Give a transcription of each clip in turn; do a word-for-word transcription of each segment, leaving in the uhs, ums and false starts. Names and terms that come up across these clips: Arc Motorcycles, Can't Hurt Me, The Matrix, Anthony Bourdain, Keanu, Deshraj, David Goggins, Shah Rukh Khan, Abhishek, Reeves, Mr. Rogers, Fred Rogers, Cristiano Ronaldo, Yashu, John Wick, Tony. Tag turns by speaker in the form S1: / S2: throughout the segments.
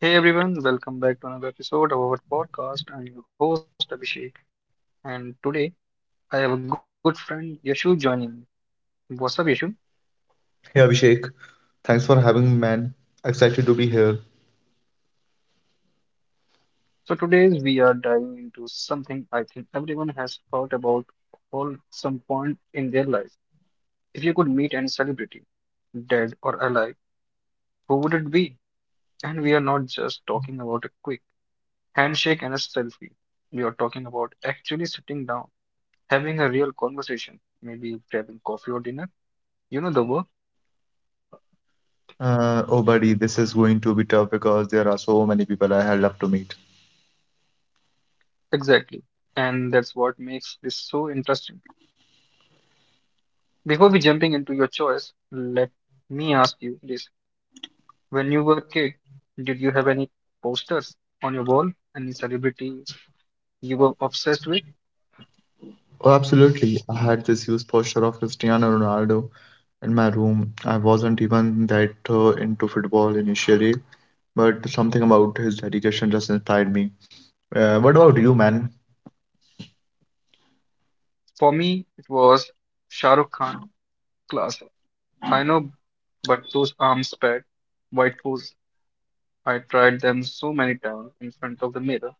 S1: Hey everyone, welcome back to another episode of our podcast. I'm your host Abhishek, and today I have a good friend Yashu joining me. What's up, Yashu?
S2: Hey Abhishek, thanks for having me, man. Excited to be here.
S1: So today we are diving into something I think everyone has thought about all some point in their life. If you could meet any celebrity, dead or alive, who would it be? And we are not just talking about a quick handshake and a selfie. We are talking about actually sitting down, having a real conversation, maybe grabbing coffee or dinner. You know the work.
S2: Uh, oh, buddy, this is going to be tough because there are so many people I had loved to meet.
S1: Exactly. And that's what makes this so interesting. Before we jumping into your choice, let me ask you this. When you were a kid, did you have any posters on your wall? Any celebrities you were obsessed with?
S2: Oh, absolutely. I had this huge poster of Cristiano Ronaldo in my room. I wasn't even that uh, into football initially, but something about his dedication just inspired me. Uh, what about you, man?
S1: For me, it was Shah Rukh Khan, class. I know, but those arms pad, white pose, I tried them so many times in front of the mirror.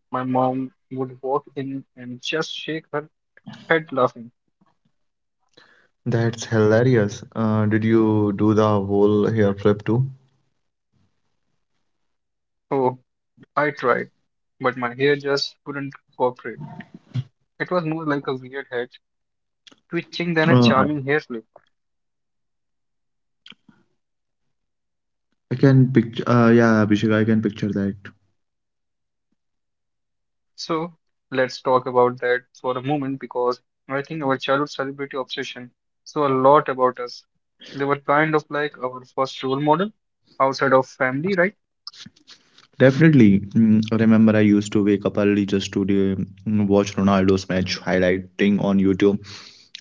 S1: My mom would walk in and just shake her head laughing.
S2: That's hilarious. Uh, did you do the whole hair flip too?
S1: Oh, I tried, but my hair just could not cooperate. It was more like a weird head twitching than a
S2: Uh, I
S1: charming hair flip.
S2: I can picture, uh, yeah, Abhishek, I can picture that.
S1: So let's talk about that for a moment because I think our childhood celebrity obsession saw a lot about us. They were kind of like our first role model outside of family, right?
S2: Definitely. Mm, I remember I used to wake up early just to um, watch Ronaldo's match highlighting on YouTube.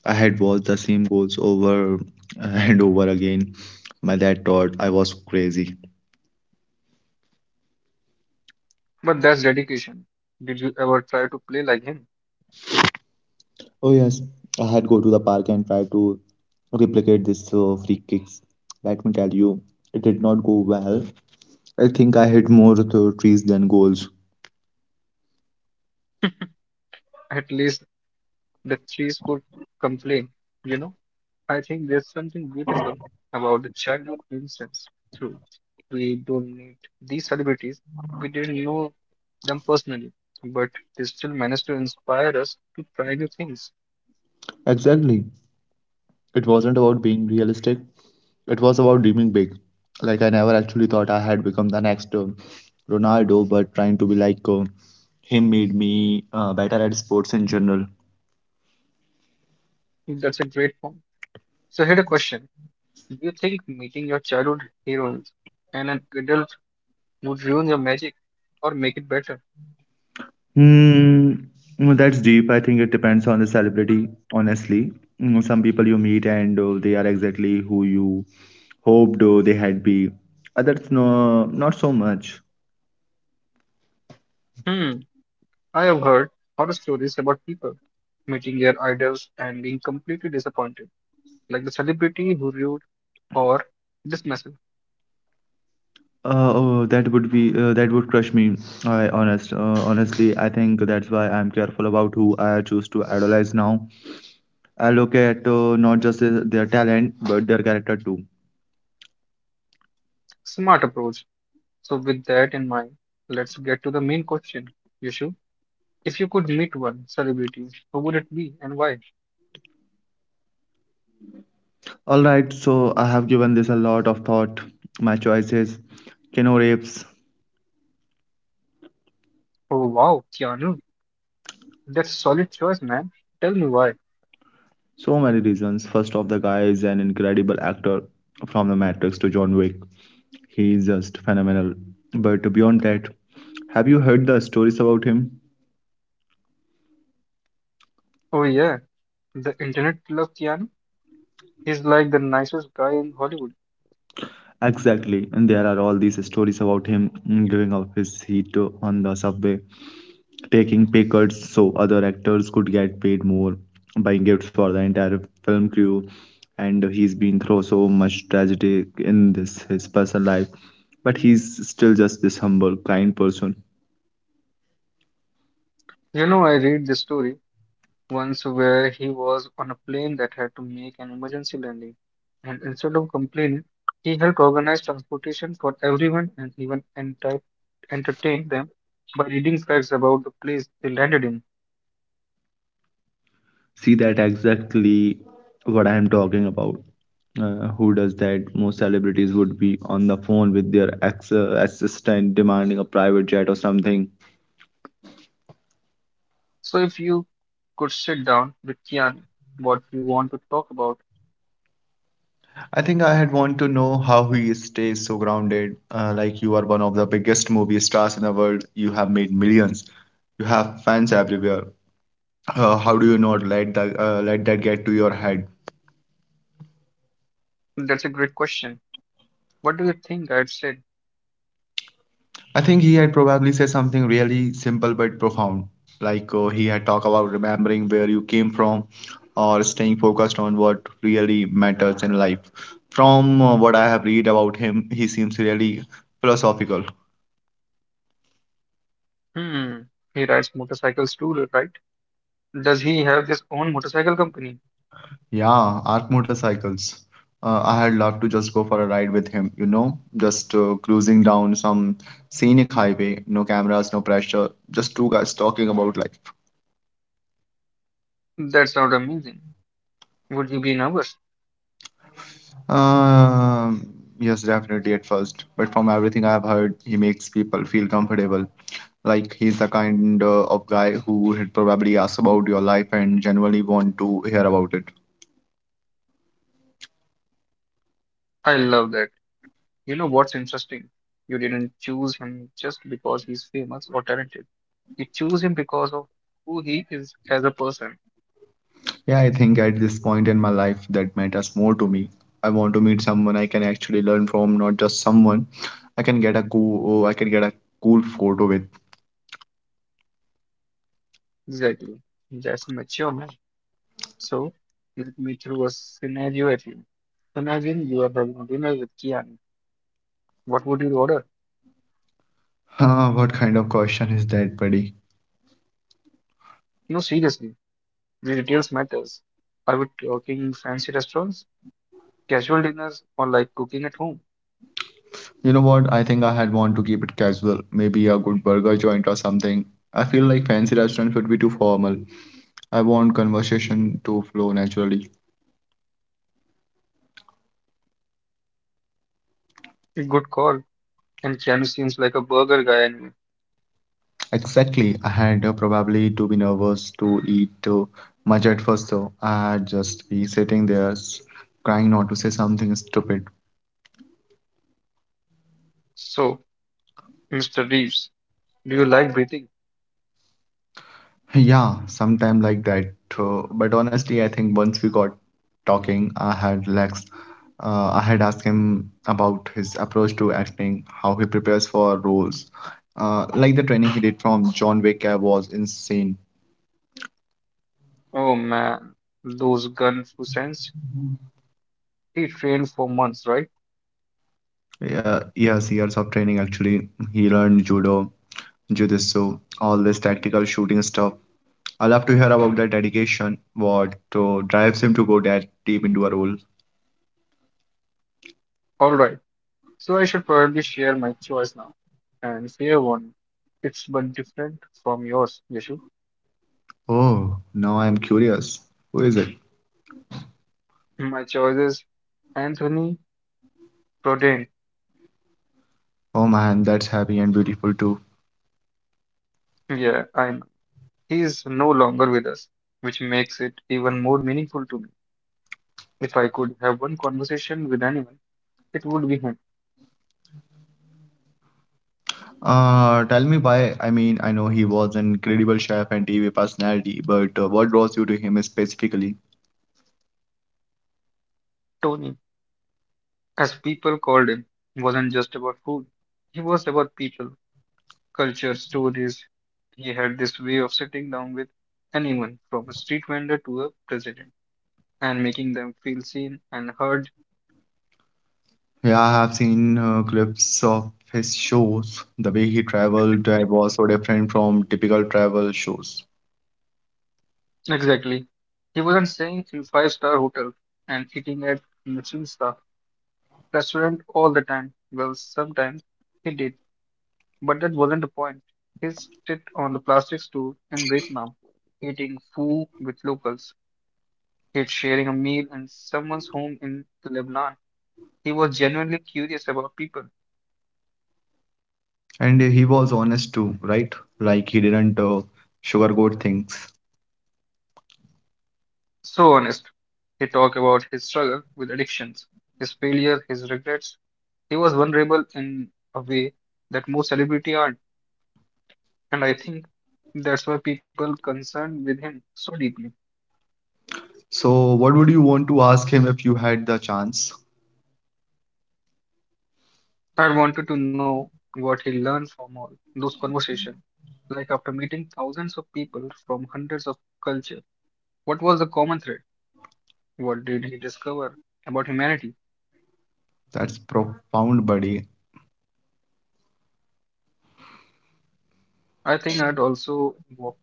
S2: I had watched the same goals over and over again. My dad thought I was crazy.
S1: But that's dedication. Did you ever try to play like him?
S2: Oh yes, I had go to the park and try to replicate this uh, free kicks. Let me tell you, it did not go well. I think I hit more th- trees than goals.
S1: At least the trees could complain, you know? I think there's something beautiful about the childhood instance, too. We don't need these celebrities, we didn't know them personally, but they still managed to inspire us to try new things.
S2: Exactly. It wasn't about being realistic. It was about dreaming big. Like I never actually thought I had become the next uh, Ronaldo, but trying to be like uh, him made me uh, better at sports in general.
S1: That's a great point. So, here's a question. Do you think meeting your childhood heroes and an adult would ruin your magic or make it better?
S2: Hmm, well, that's deep. I think it depends on the celebrity, honestly. Mm, some people you meet and uh, they are exactly who you hoped uh, they had be. Others, no, not so much.
S1: Hmm, I have heard horror stories about people meeting their idols and being completely disappointed, like the celebrity who ruined or dismissed.
S2: Uh, oh, that would be uh, that would crush me. I honest, uh, honestly, I think that's why I'm careful about who I choose to idolize now. I look at uh, not just their their talent but their character too.
S1: Smart approach. So, with that in mind, let's get to the main question. Yushu, if you could meet one celebrity, who would it be and why?
S2: All right, so I have given this a lot of thought. My choices, Keanu Reeves,
S1: Oh wow, Keanu, that's solid choice, man. Tell me why.
S2: so many reasons. First off, the guy is an incredible actor from The Matrix to John Wick. He is just phenomenal. But beyond that, have you heard the stories about him?
S1: Oh yeah, the internet loves Keanu. He's like the nicest guy in Hollywood.
S2: Exactly, and there are all these stories about him mm, giving up his seat uh, on the subway taking pay cuts so other actors could get paid more, buying gifts for the entire film crew. And he's been through so much tragedy in this his personal life, but he's still just this humble, kind person.
S1: You know, I read this story once where he was on a plane that had to make an emergency landing, and instead of complaining, he helped organize transportation for everyone and even enti- entertained them by reading facts about the place they landed in.
S2: See that exactly what I am talking about. Uh, who does that? Most celebrities would be on the phone with their ex uh, assistant demanding a private jet or something.
S1: So, if you could sit down with Kian, what you want to talk about?
S2: I think I had want to know how he stays so grounded. Uh, like you are one of the biggest movie stars in the world. You have made millions. You have fans everywhere. Uh, how do you not let that uh, let that get to your head?
S1: That's a great question. What do you think? I'd said,
S2: I think he had probably said something really simple but profound. Like uh, he had talked about remembering where you came from, or staying focused on what really matters in life. From uh, what I have read about him, he seems really philosophical.
S1: hmm, he rides motorcycles too, right? Does he have his own motorcycle company?
S2: Yeah, Arc Motorcycles. Uh, I had loved to just go for a ride with him, you know, just uh, cruising down some scenic highway, no cameras, no pressure, just two guys talking about life.
S1: That sounds amazing. Would you be nervous?
S2: Um, yes, definitely at first, but from everything I've heard, he makes people feel comfortable. Like he's the kind uh, of guy who would probably ask about your life and genuinely want to hear about it.
S1: I love that. You know what's interesting? You didn't choose him just because he's famous or talented. You choose him because of who he is as a person.
S2: Yeah, I think at this point in my life that matters more to me. I want to meet someone I can actually learn from, not just someone I can get a cool, oh, I can get a cool photo with.
S1: Exactly. That's a mature man. So let me throw a scenario at you. Imagine you are having dinner with Kian. What would you order?
S2: Huh, what kind of question is that, buddy?
S1: No, seriously. The details matters. Are we talking fancy restaurants, casual dinners, or like cooking at home?
S2: You know what? I think I had want to keep it casual. Maybe a good burger joint or something. I feel like fancy restaurants would be too formal. I want conversation to flow naturally.
S1: A good call. And Keanu seems like a burger guy anyway.
S2: Exactly. I had uh, probably to be nervous to eat uh, much at first, so I'd just be sitting there s- trying not to say something stupid.
S1: So, mister Reeves, do you like breathing?
S2: Yeah, sometime like that. Uh, but honestly, I think once we got talking, I had Lex. Uh, I had asked him about his approach to acting, how he prepares for roles. Uh, like the training he did from John Wick uh, was insane.
S1: Oh man, those Gunfusense. He trained for months, right?
S2: Yeah, yes, years of training actually. He learned judo jujitsu, all this tactical shooting stuff. I love to hear about that dedication, what to drives him to go that deep into a role.
S1: Alright, so I should probably share my choice now. And fair one, it's but different from yours, Yashu.
S2: Oh, now I'm curious. Who is it?
S1: My choice is Anthony Bourdain.
S2: Oh man, that's happy and beautiful too.
S1: Yeah, I know. He is no longer with us, which makes it even more meaningful to me. If I could have one conversation with anyone, it would be him.
S2: Uh, tell me why. I mean, I know he was an incredible chef and T V personality, but uh, what draws you to him specifically?
S1: Tony, as people called him, wasn't just about food. He was about people, culture, stories. He had this way of sitting down with anyone, from a street vendor to a president, and making them feel seen and heard.
S2: Yeah, I have seen uh, clips of his shows. The way he traveled uh, was so different from typical travel shows.
S1: Exactly. He wasn't staying in five-star hotel and eating at Michelin-star restaurant all the time. Well, sometimes he did, but that wasn't the point. He sit on the plastic stool in Vietnam, eating food with locals. He's sharing a meal in someone's home in Lebanon. He was genuinely curious about people.
S2: And he was honest too, right? Like he didn't uh, sugarcoat things.
S1: So honest. He talked about his struggle with addictions, his failure, his regrets. He was vulnerable in a way that most celebrities aren't, and I think that's why people concerned with him so deeply.
S2: So what would you want to ask him if you had the chance?
S1: I wanted to know what he learned from all those conversations. Like after meeting thousands of people from hundreds of cultures, what was the common thread? What did he discover about humanity?
S2: That's profound, buddy.
S1: I think I'd also walk,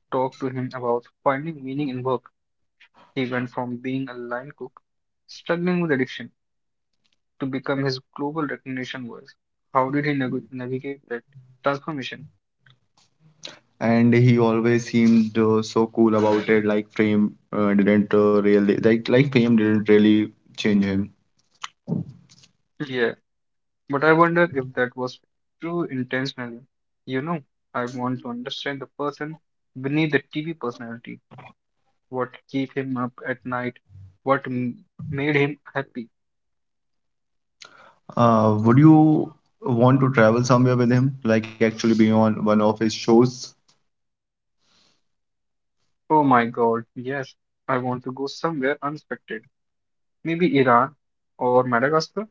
S1: talk to him about finding meaning in work. He went from being a line cook, struggling with addiction, to become his global recognition was. How did he nag- navigate that transformation?
S2: And he always seemed uh, so cool about it. Like fame uh, didn't uh, really like like fame didn't really change him.
S1: Yeah, but I wonder if that was true intentionally. You know, I want to understand the person beneath the T V personality. What keep him up at night? What m- made him happy?
S2: Uh, would you want to travel somewhere with him, like actually be on one of his shows?
S1: Oh my God, yes, I want to go somewhere unexpected. Maybe Iran or Madagascar,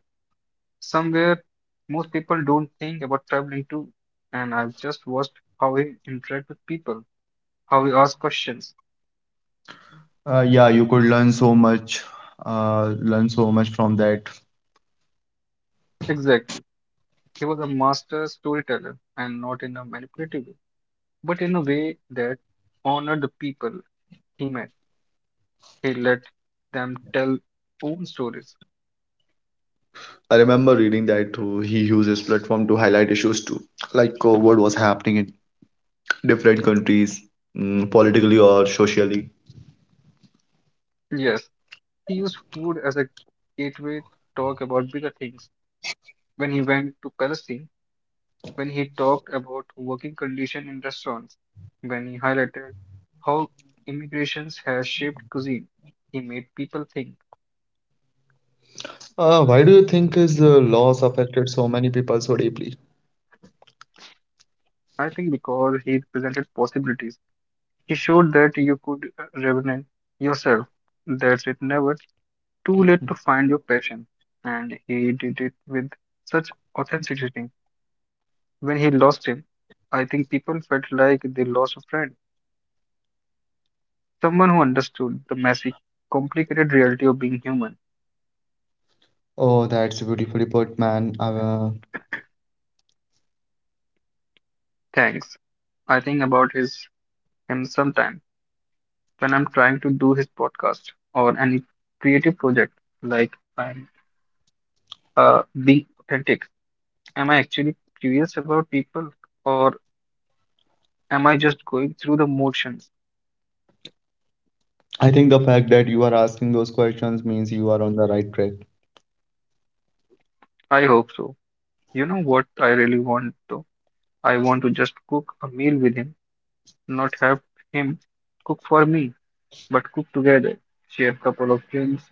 S1: somewhere most people don't think about traveling to, and I've just watched how he interact with people, how he asks questions.
S2: uh, yeah, you could learn so much uh, learn so much from that.
S1: Exactly. He was a master storyteller and not in a manipulative way, but in a way that honored the people he met. He let them tell own stories.
S2: I remember reading that uh, he uses platform to highlight issues too, like uh, what was happening in different countries, mm, politically or socially.
S1: Yes, he used food as a gateway to talk about bigger things. When he went to Palestine, when he talked about working conditions in restaurants, when he highlighted how immigrations has shaped cuisine. He made people think.
S2: Uh, why do you think his uh, loss affected so many people so deeply?
S1: I think because he presented possibilities. He showed that you could uh, revenant yourself. That's it never too late to find your passion. And he did it with such authenticity. When he lost him, I think people felt like they lost a friend. Someone who understood the messy, complicated reality of being human.
S2: Oh, that's beautifully put, man. Uh,
S1: Thanks. I think about his him sometime when I'm trying to do his podcast or any creative project. Like I'm uh, being authentic. Am I actually curious about people or am I just going through the motions?
S2: I think the fact that you are asking those questions means you are on the right track.
S1: I hope so. You know what I really want though? I want to just cook a meal with him, not have him cook for me, but cook together, share a couple of drinks,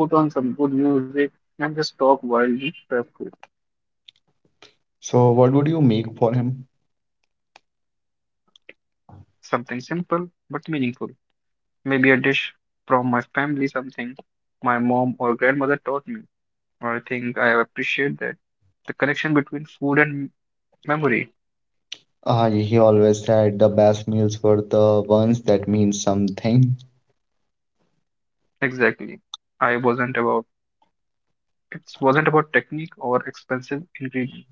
S1: put on some good music, and just talk while we prep food.
S2: So, what would you make for him?
S1: Something simple but meaningful. Maybe a dish from my family, something my mom or grandmother taught me. Or I think I appreciate that. The connection between food and memory.
S2: Uh, he always said the best meals were the ones that mean something.
S1: Exactly. I wasn't about it wasn't about technique or expensive ingredient.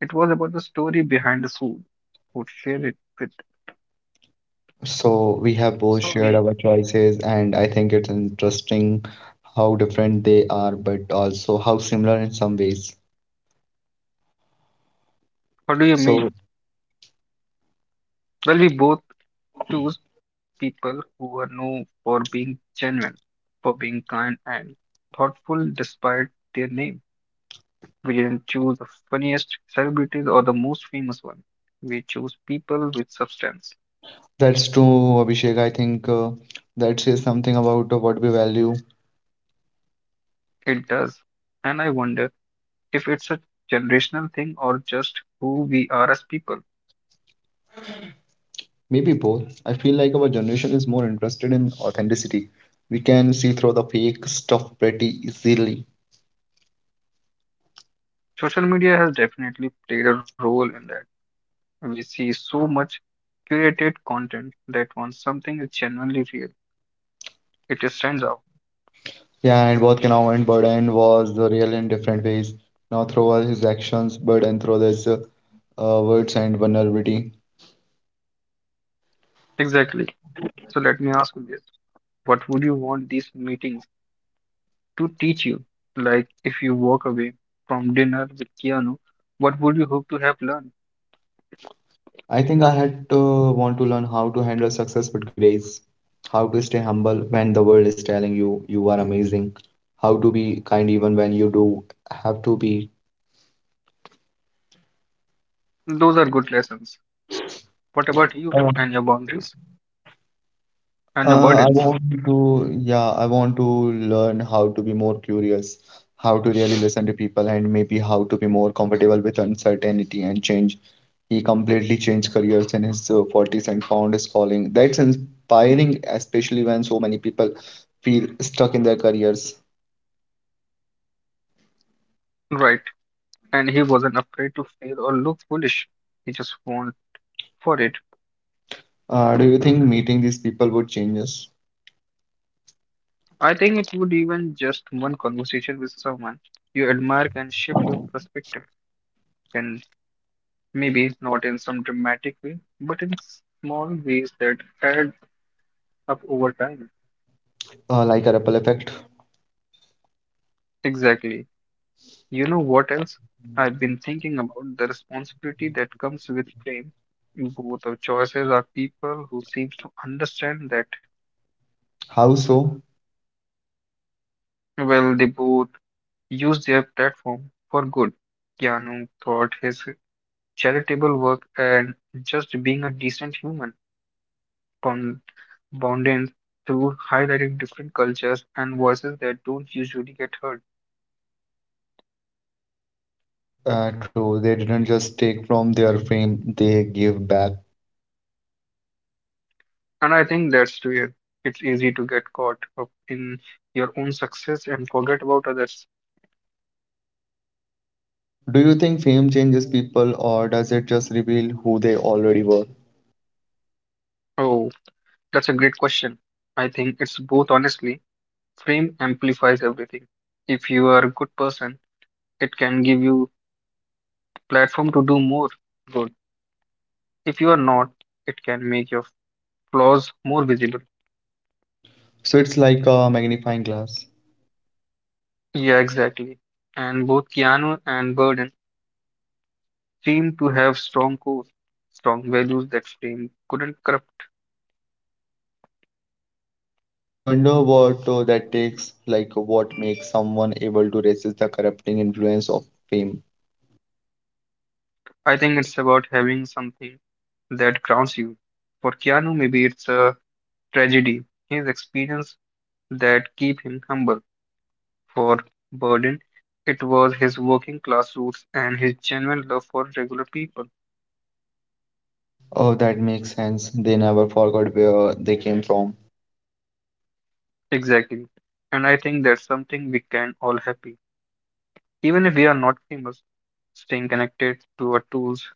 S1: It was about the story behind the food. Who share it with.
S2: So we have
S1: So
S2: both
S1: we
S2: shared our choices, and I think it's interesting how different they are, but also how similar in some ways.
S1: What do you mean?
S2: So
S1: Well we both choose people who are known for being genuine, for being kind and thoughtful despite their name. We didn't choose the funniest celebrities or the most famous one. We choose people with substance.
S2: that's true, Abhishek. I think uh, that says something about uh, what we value.
S1: It does. And I wonder if it's a generational thing or just who we are as people.
S2: Maybe both. I feel like our generation is more interested in authenticity. We can see through the fake stuff pretty easily.
S1: Social media has definitely played a role in that. We see so much curated content that once something is genuinely real, it just stands out.
S2: Yeah, and both Kanawha and Burden was the real in different ways. Now through all his actions, Burden through his uh, uh, words and vulnerability.
S1: Exactly. So let me ask you this. What would you want these meetings to teach you? Like, if you walk away from dinner with Keanu, what would you hope to have learned?
S2: I think I had to want to learn how to handle success with grace, how to stay humble when the world is telling you you are amazing, how to be kind even when you do have to be.
S1: Those are good lessons. What about you
S2: I want-
S1: and your boundaries and your
S2: Uh, I
S1: burdens?
S2: want to, yeah, I want to learn how to be more curious, how to really listen to people, and maybe how to be more comfortable with uncertainty and change. He completely changed careers in his uh, forties and found his calling. That's inspiring, especially when so many people feel stuck in their careers.
S1: Right. And he wasn't afraid to fail or look foolish. He just went for it.
S2: Uh, do you think meeting these people would change us?
S1: I think it would, even just one conversation with someone you admire can shift your perspective. And maybe not in some dramatic way, but in small ways that add up over time.
S2: Uh, like a ripple effect?
S1: Exactly. You know what else? I've been thinking about the responsibility that comes with fame. Both of choices are people who seems to understand that.
S2: How so?
S1: Well, they both use their platform for good. Keanu thought his charitable work and just being a decent human con- bonding through highlighting different cultures and voices that don't usually get heard.
S2: Uh, true, they didn't just take from their fame, they gave back.
S1: And I think that's real. It's easy to get caught up in your own success and forget about others.
S2: Do you think fame changes people or does it just reveal who they already were?
S1: Oh, that's a great question. I think it's both honestly. Fame amplifies everything. If you are a good person, it can give you platform to do more good. If you are not, it can make your flaws more visible.
S2: So it's like a magnifying glass.
S1: Yeah, exactly. And both Keanu and Burden seem to have strong cores, strong values that fame couldn't corrupt.
S2: I wonder what uh, that takes, like what makes someone able to resist the corrupting influence of fame.
S1: I think it's about having something that grounds you. For Keanu, maybe it's a tragedy, his experience that keep him humble, for burden, it was his working class roots and his genuine love for regular people.
S2: Oh, that makes sense. They never forgot where they came from.
S1: Exactly. And I think that's something we can all happy. Even if we are not famous, staying connected to our tools,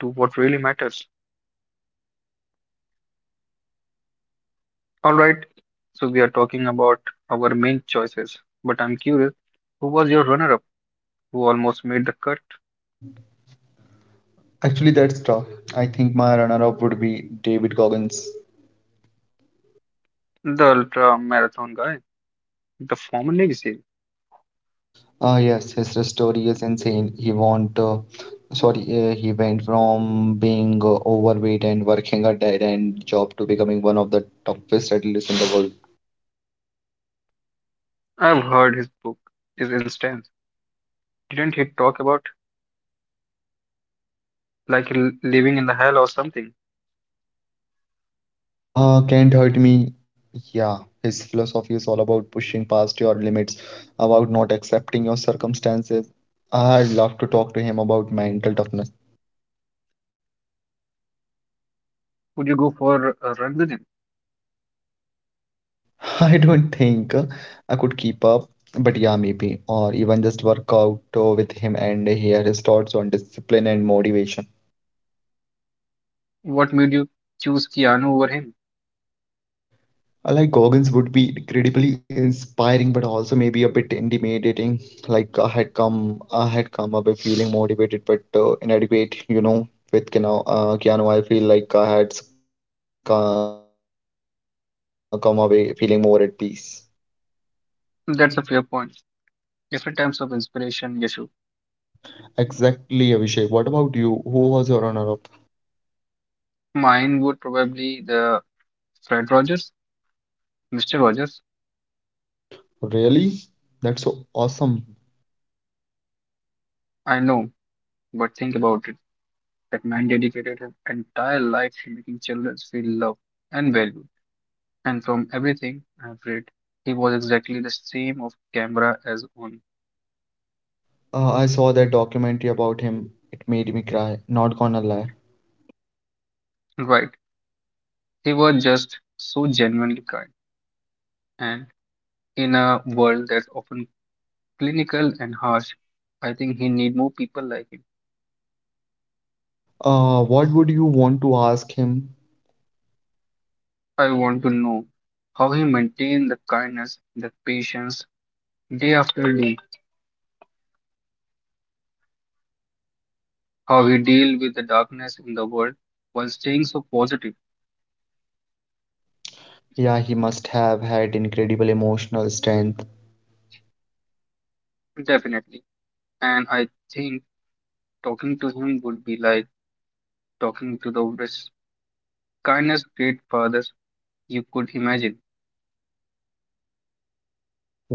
S1: to what really matters. Alright, so we are talking about our main choices. But I'm curious, who was your runner up who almost made the cut?
S2: Actually, that's tough. I think my runner-up would be David Goggins.
S1: The ultra marathon guy, the former legacy.
S2: Uh, yes, his story is insane. He want, uh, sorry, uh, he went from being uh, overweight and working a dead-end job to becoming one of the toughest athletes in the world.
S1: I've heard his book is intense. Didn't he talk about like l- living in the hell or something?
S2: Uh, can't hurt me. Yeah, his philosophy is all about pushing past your limits, about not accepting your circumstances. I'd love to talk to him about mental toughness.
S1: Would you go for a run with him?
S2: I don't think uh, I could keep up, but yeah, maybe, or even just work out uh, with him and hear his thoughts on discipline and motivation.
S1: What made you choose Keanu over him?
S2: I like Goggins would be incredibly inspiring, but also maybe a bit intimidating. Like I had come, I had come away feeling motivated but uh, inadequate. You know, with Keanu, uh, Keanu, I feel like I had s- come away feeling more at peace.
S1: That's a fair point. Different types of inspiration, Yashu.
S2: Exactly, Abhishek. What about you? Who was your runner-up?
S1: Mine would probably the Fred Rogers, mister Rogers.
S2: Really? That's so awesome.
S1: I know, but think about it. That man dedicated his entire life to making children feel loved and valued. And from everything I've read, he was exactly the same off camera as on.
S2: Uh, I saw that documentary about him. It made me cry. Not gonna lie.
S1: Right. He was just so genuinely kind. And in a world that's often clinical and harsh, I think he need more people like him.
S2: Uh, what would you want to ask him?
S1: I want to know how he maintain the kindness, the patience day after day, how he deal with the darkness in the world while staying so positive,
S2: Yeah, he must have had incredible emotional strength.
S1: definitely. And I think talking to him would be like talking to the best kindness great fathers you could imagine.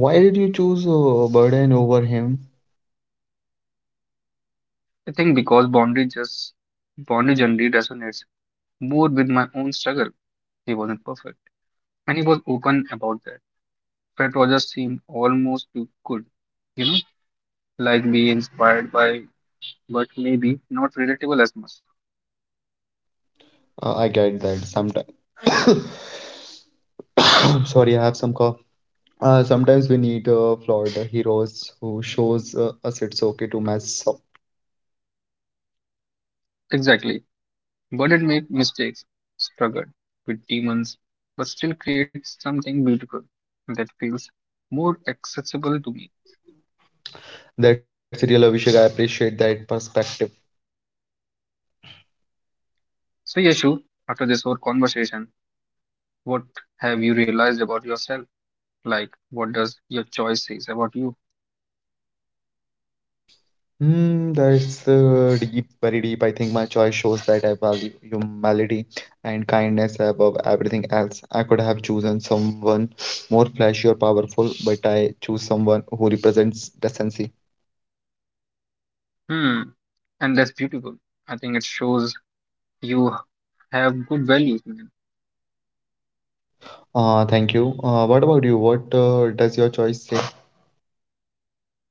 S2: Why did you choose uh, Burden over him?
S1: I think because boundary just boundary generally resonates more with my own struggle. He wasn't perfect. And he was open about that. Fred Rogers seem almost too good, you know, like be inspired by, but maybe not relatable as much.
S2: Uh, I get that sometimes. Sorry, I have some cough. Uh, sometimes we need uh, flawed heroes who shows uh, us it's okay to mess up.
S1: Exactly. But it made mistakes, struggled with demons, but still creates something beautiful that feels more accessible to me.
S2: That's real, Abhishek. I appreciate that perspective.
S1: So, Yashu, after this whole conversation, what have you realized about yourself? Like, what does your choice says about you?
S2: Hmm, that's uh, deep, very deep. I think my choice shows that I value humility and kindness above everything else. I could have chosen someone more flashy or powerful, but I choose someone who represents decency.
S1: Hmm, and that's beautiful. I think it shows you have good values, man.
S2: Uh, thank you. Uh, what about you? What uh, does your choice say?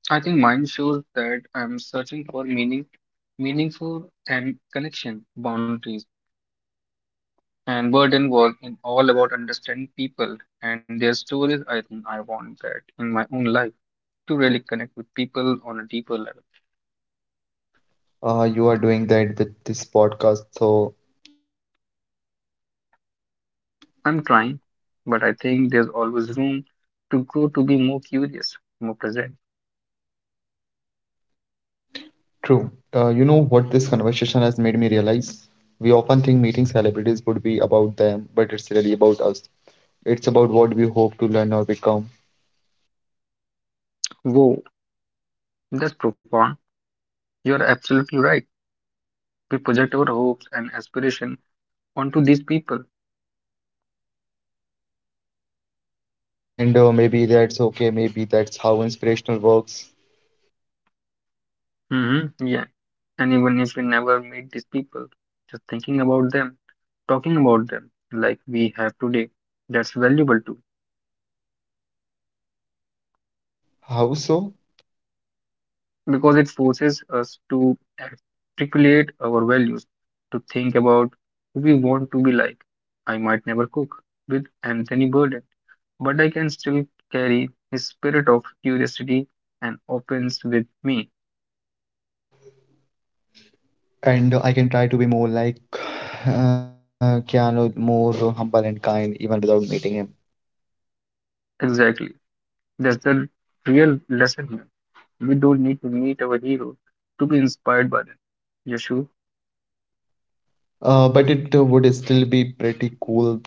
S1: I think mine shows that I'm searching for meaning, meaningful and connection, boundaries. And burden was in all about understanding people and their stories. I think I want that in my own life to really connect with people on a deeper level.
S2: Uh, you are doing that with this podcast, so
S1: I'm trying, but I think there's always room to grow to be more curious, more present.
S2: true. Uh, you know what this conversation has made me realize? We often think meeting celebrities would be about them, but it's really about us. It's about what we hope to learn or become.
S1: Whoa, that's profound. You're absolutely right. We project our hopes and aspiration onto these people.
S2: And uh, maybe that's okay. Maybe that's how inspirational works.
S1: Mm-hmm. Yeah. And even if we never meet these people, just thinking about them, talking about them like we have today, that's valuable too.
S2: How so?
S1: Because it forces us to articulate our values, to think about who we want to be like. I might never cook with Anthony Burden, but I can still carry his spirit of curiosity and opens with me.
S2: And I can try to be more like uh, Keanu, more humble and kind, even without meeting him.
S1: Exactly. That's the real lesson here. We don't need to meet our heroes to be inspired by them. Yeshu.
S2: Uh, but it uh, would still be pretty cool, though.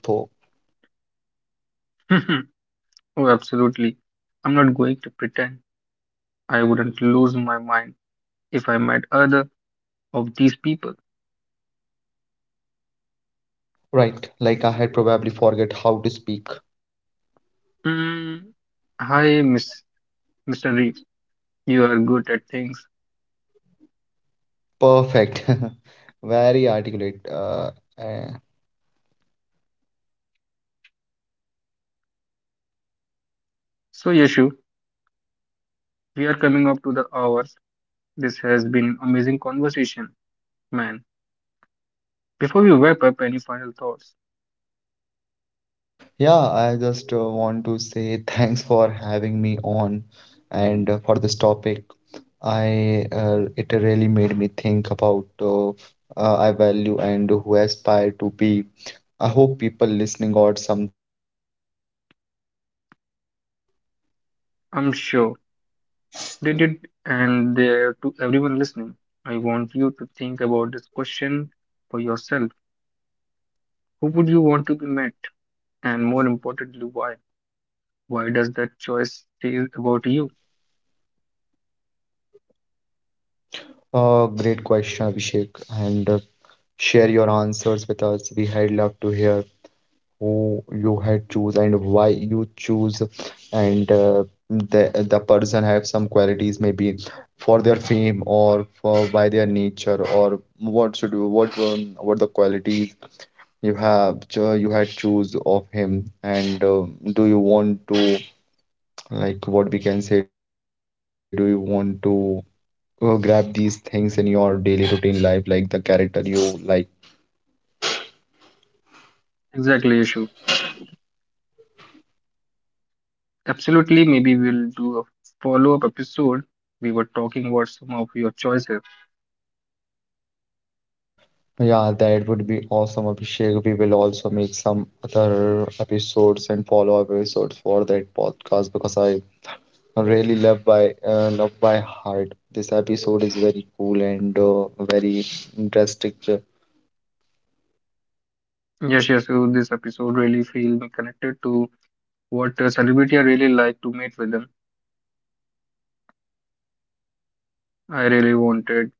S1: Oh, absolutely. I'm not going to pretend I wouldn't lose my mind if I met other of these people.
S2: Right, like I had probably forget how to speak.
S1: Mm. Hi, Miss mister Reeves. You are good at things.
S2: Perfect. Very articulate. Uh, uh,
S1: So, Yashu, we are coming up to the hours. This has been amazing conversation, man. Before we wrap up, any final thoughts?
S2: Yeah, I just uh, want to say thanks for having me on and uh, for this topic. I uh, it really made me think about uh, uh, I value and who I aspire to be. I hope people listening got something about it too.
S1: I'm sure they did, and there to everyone listening. I want you to think about this question for yourself. Who would you want to be met, and more importantly, why? Why does that choice say about you?
S2: Uh, great question, Abhishek, and uh, share your answers with us. We had love to hear who you had choose and why you choose and uh, the the person have some qualities maybe for their fame or for by their nature or what should you what um, what the qualities you have cho- you had choose of him and uh, do you want to like what we can say do you want to uh, grab these things in your daily routine life like the character you like.
S1: Exactly, issue. Absolutely, maybe we'll do a follow up episode. We were talking about some of your choices.
S2: Yeah, that would be awesome, Abhishek. We will also make some other episodes and follow up episodes for that podcast because I really love by uh, love by heart. This episode is very cool and uh, very interesting.
S1: Yes, yes, so this episode really feel me connected to what a celebrity I really like to meet with them. I really wanted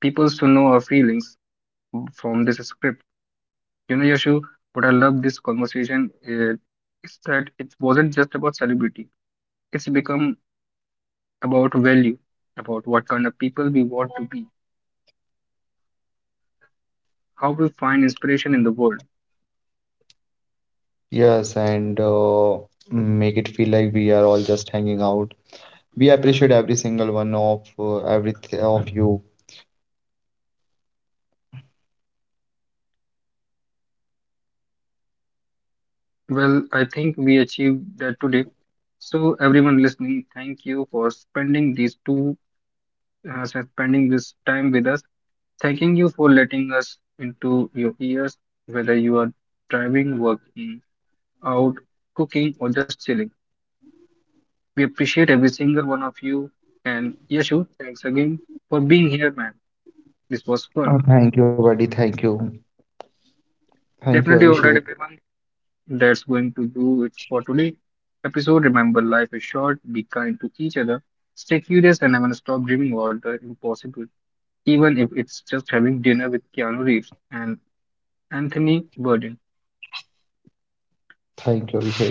S1: people to know our feelings from this script. You know, Yashu, what I love this conversation uh, is that it wasn't just about celebrity. It's become about value, about what kind of people we want to be how we find inspiration in the world.
S2: Yes, and uh, make it feel like we are all just hanging out. We appreciate every single one of uh, every th- of you.
S1: Well, I think we achieved that today. So, everyone listening, thank you for spending these two, uh, spending this time with us. Thanking you for letting us into your ears, whether you are driving, working out, cooking, or just chilling. We appreciate every single one of you. And Yeshu, thanks again for being here, man. This was
S2: Uh,
S1: fun.
S2: Thank you, buddy. Thank you. Thank you,
S1: Definitely all
S2: Abhishek.
S1: right, everyone. That's going to do it for today episode. Remember, life is short. Be kind to each other. Stay curious, and I'm gonna stop dreaming about the impossible, even if it's just having dinner with Keanu Reeves and Anthony Bourdain.
S2: Thank you, Abhishek.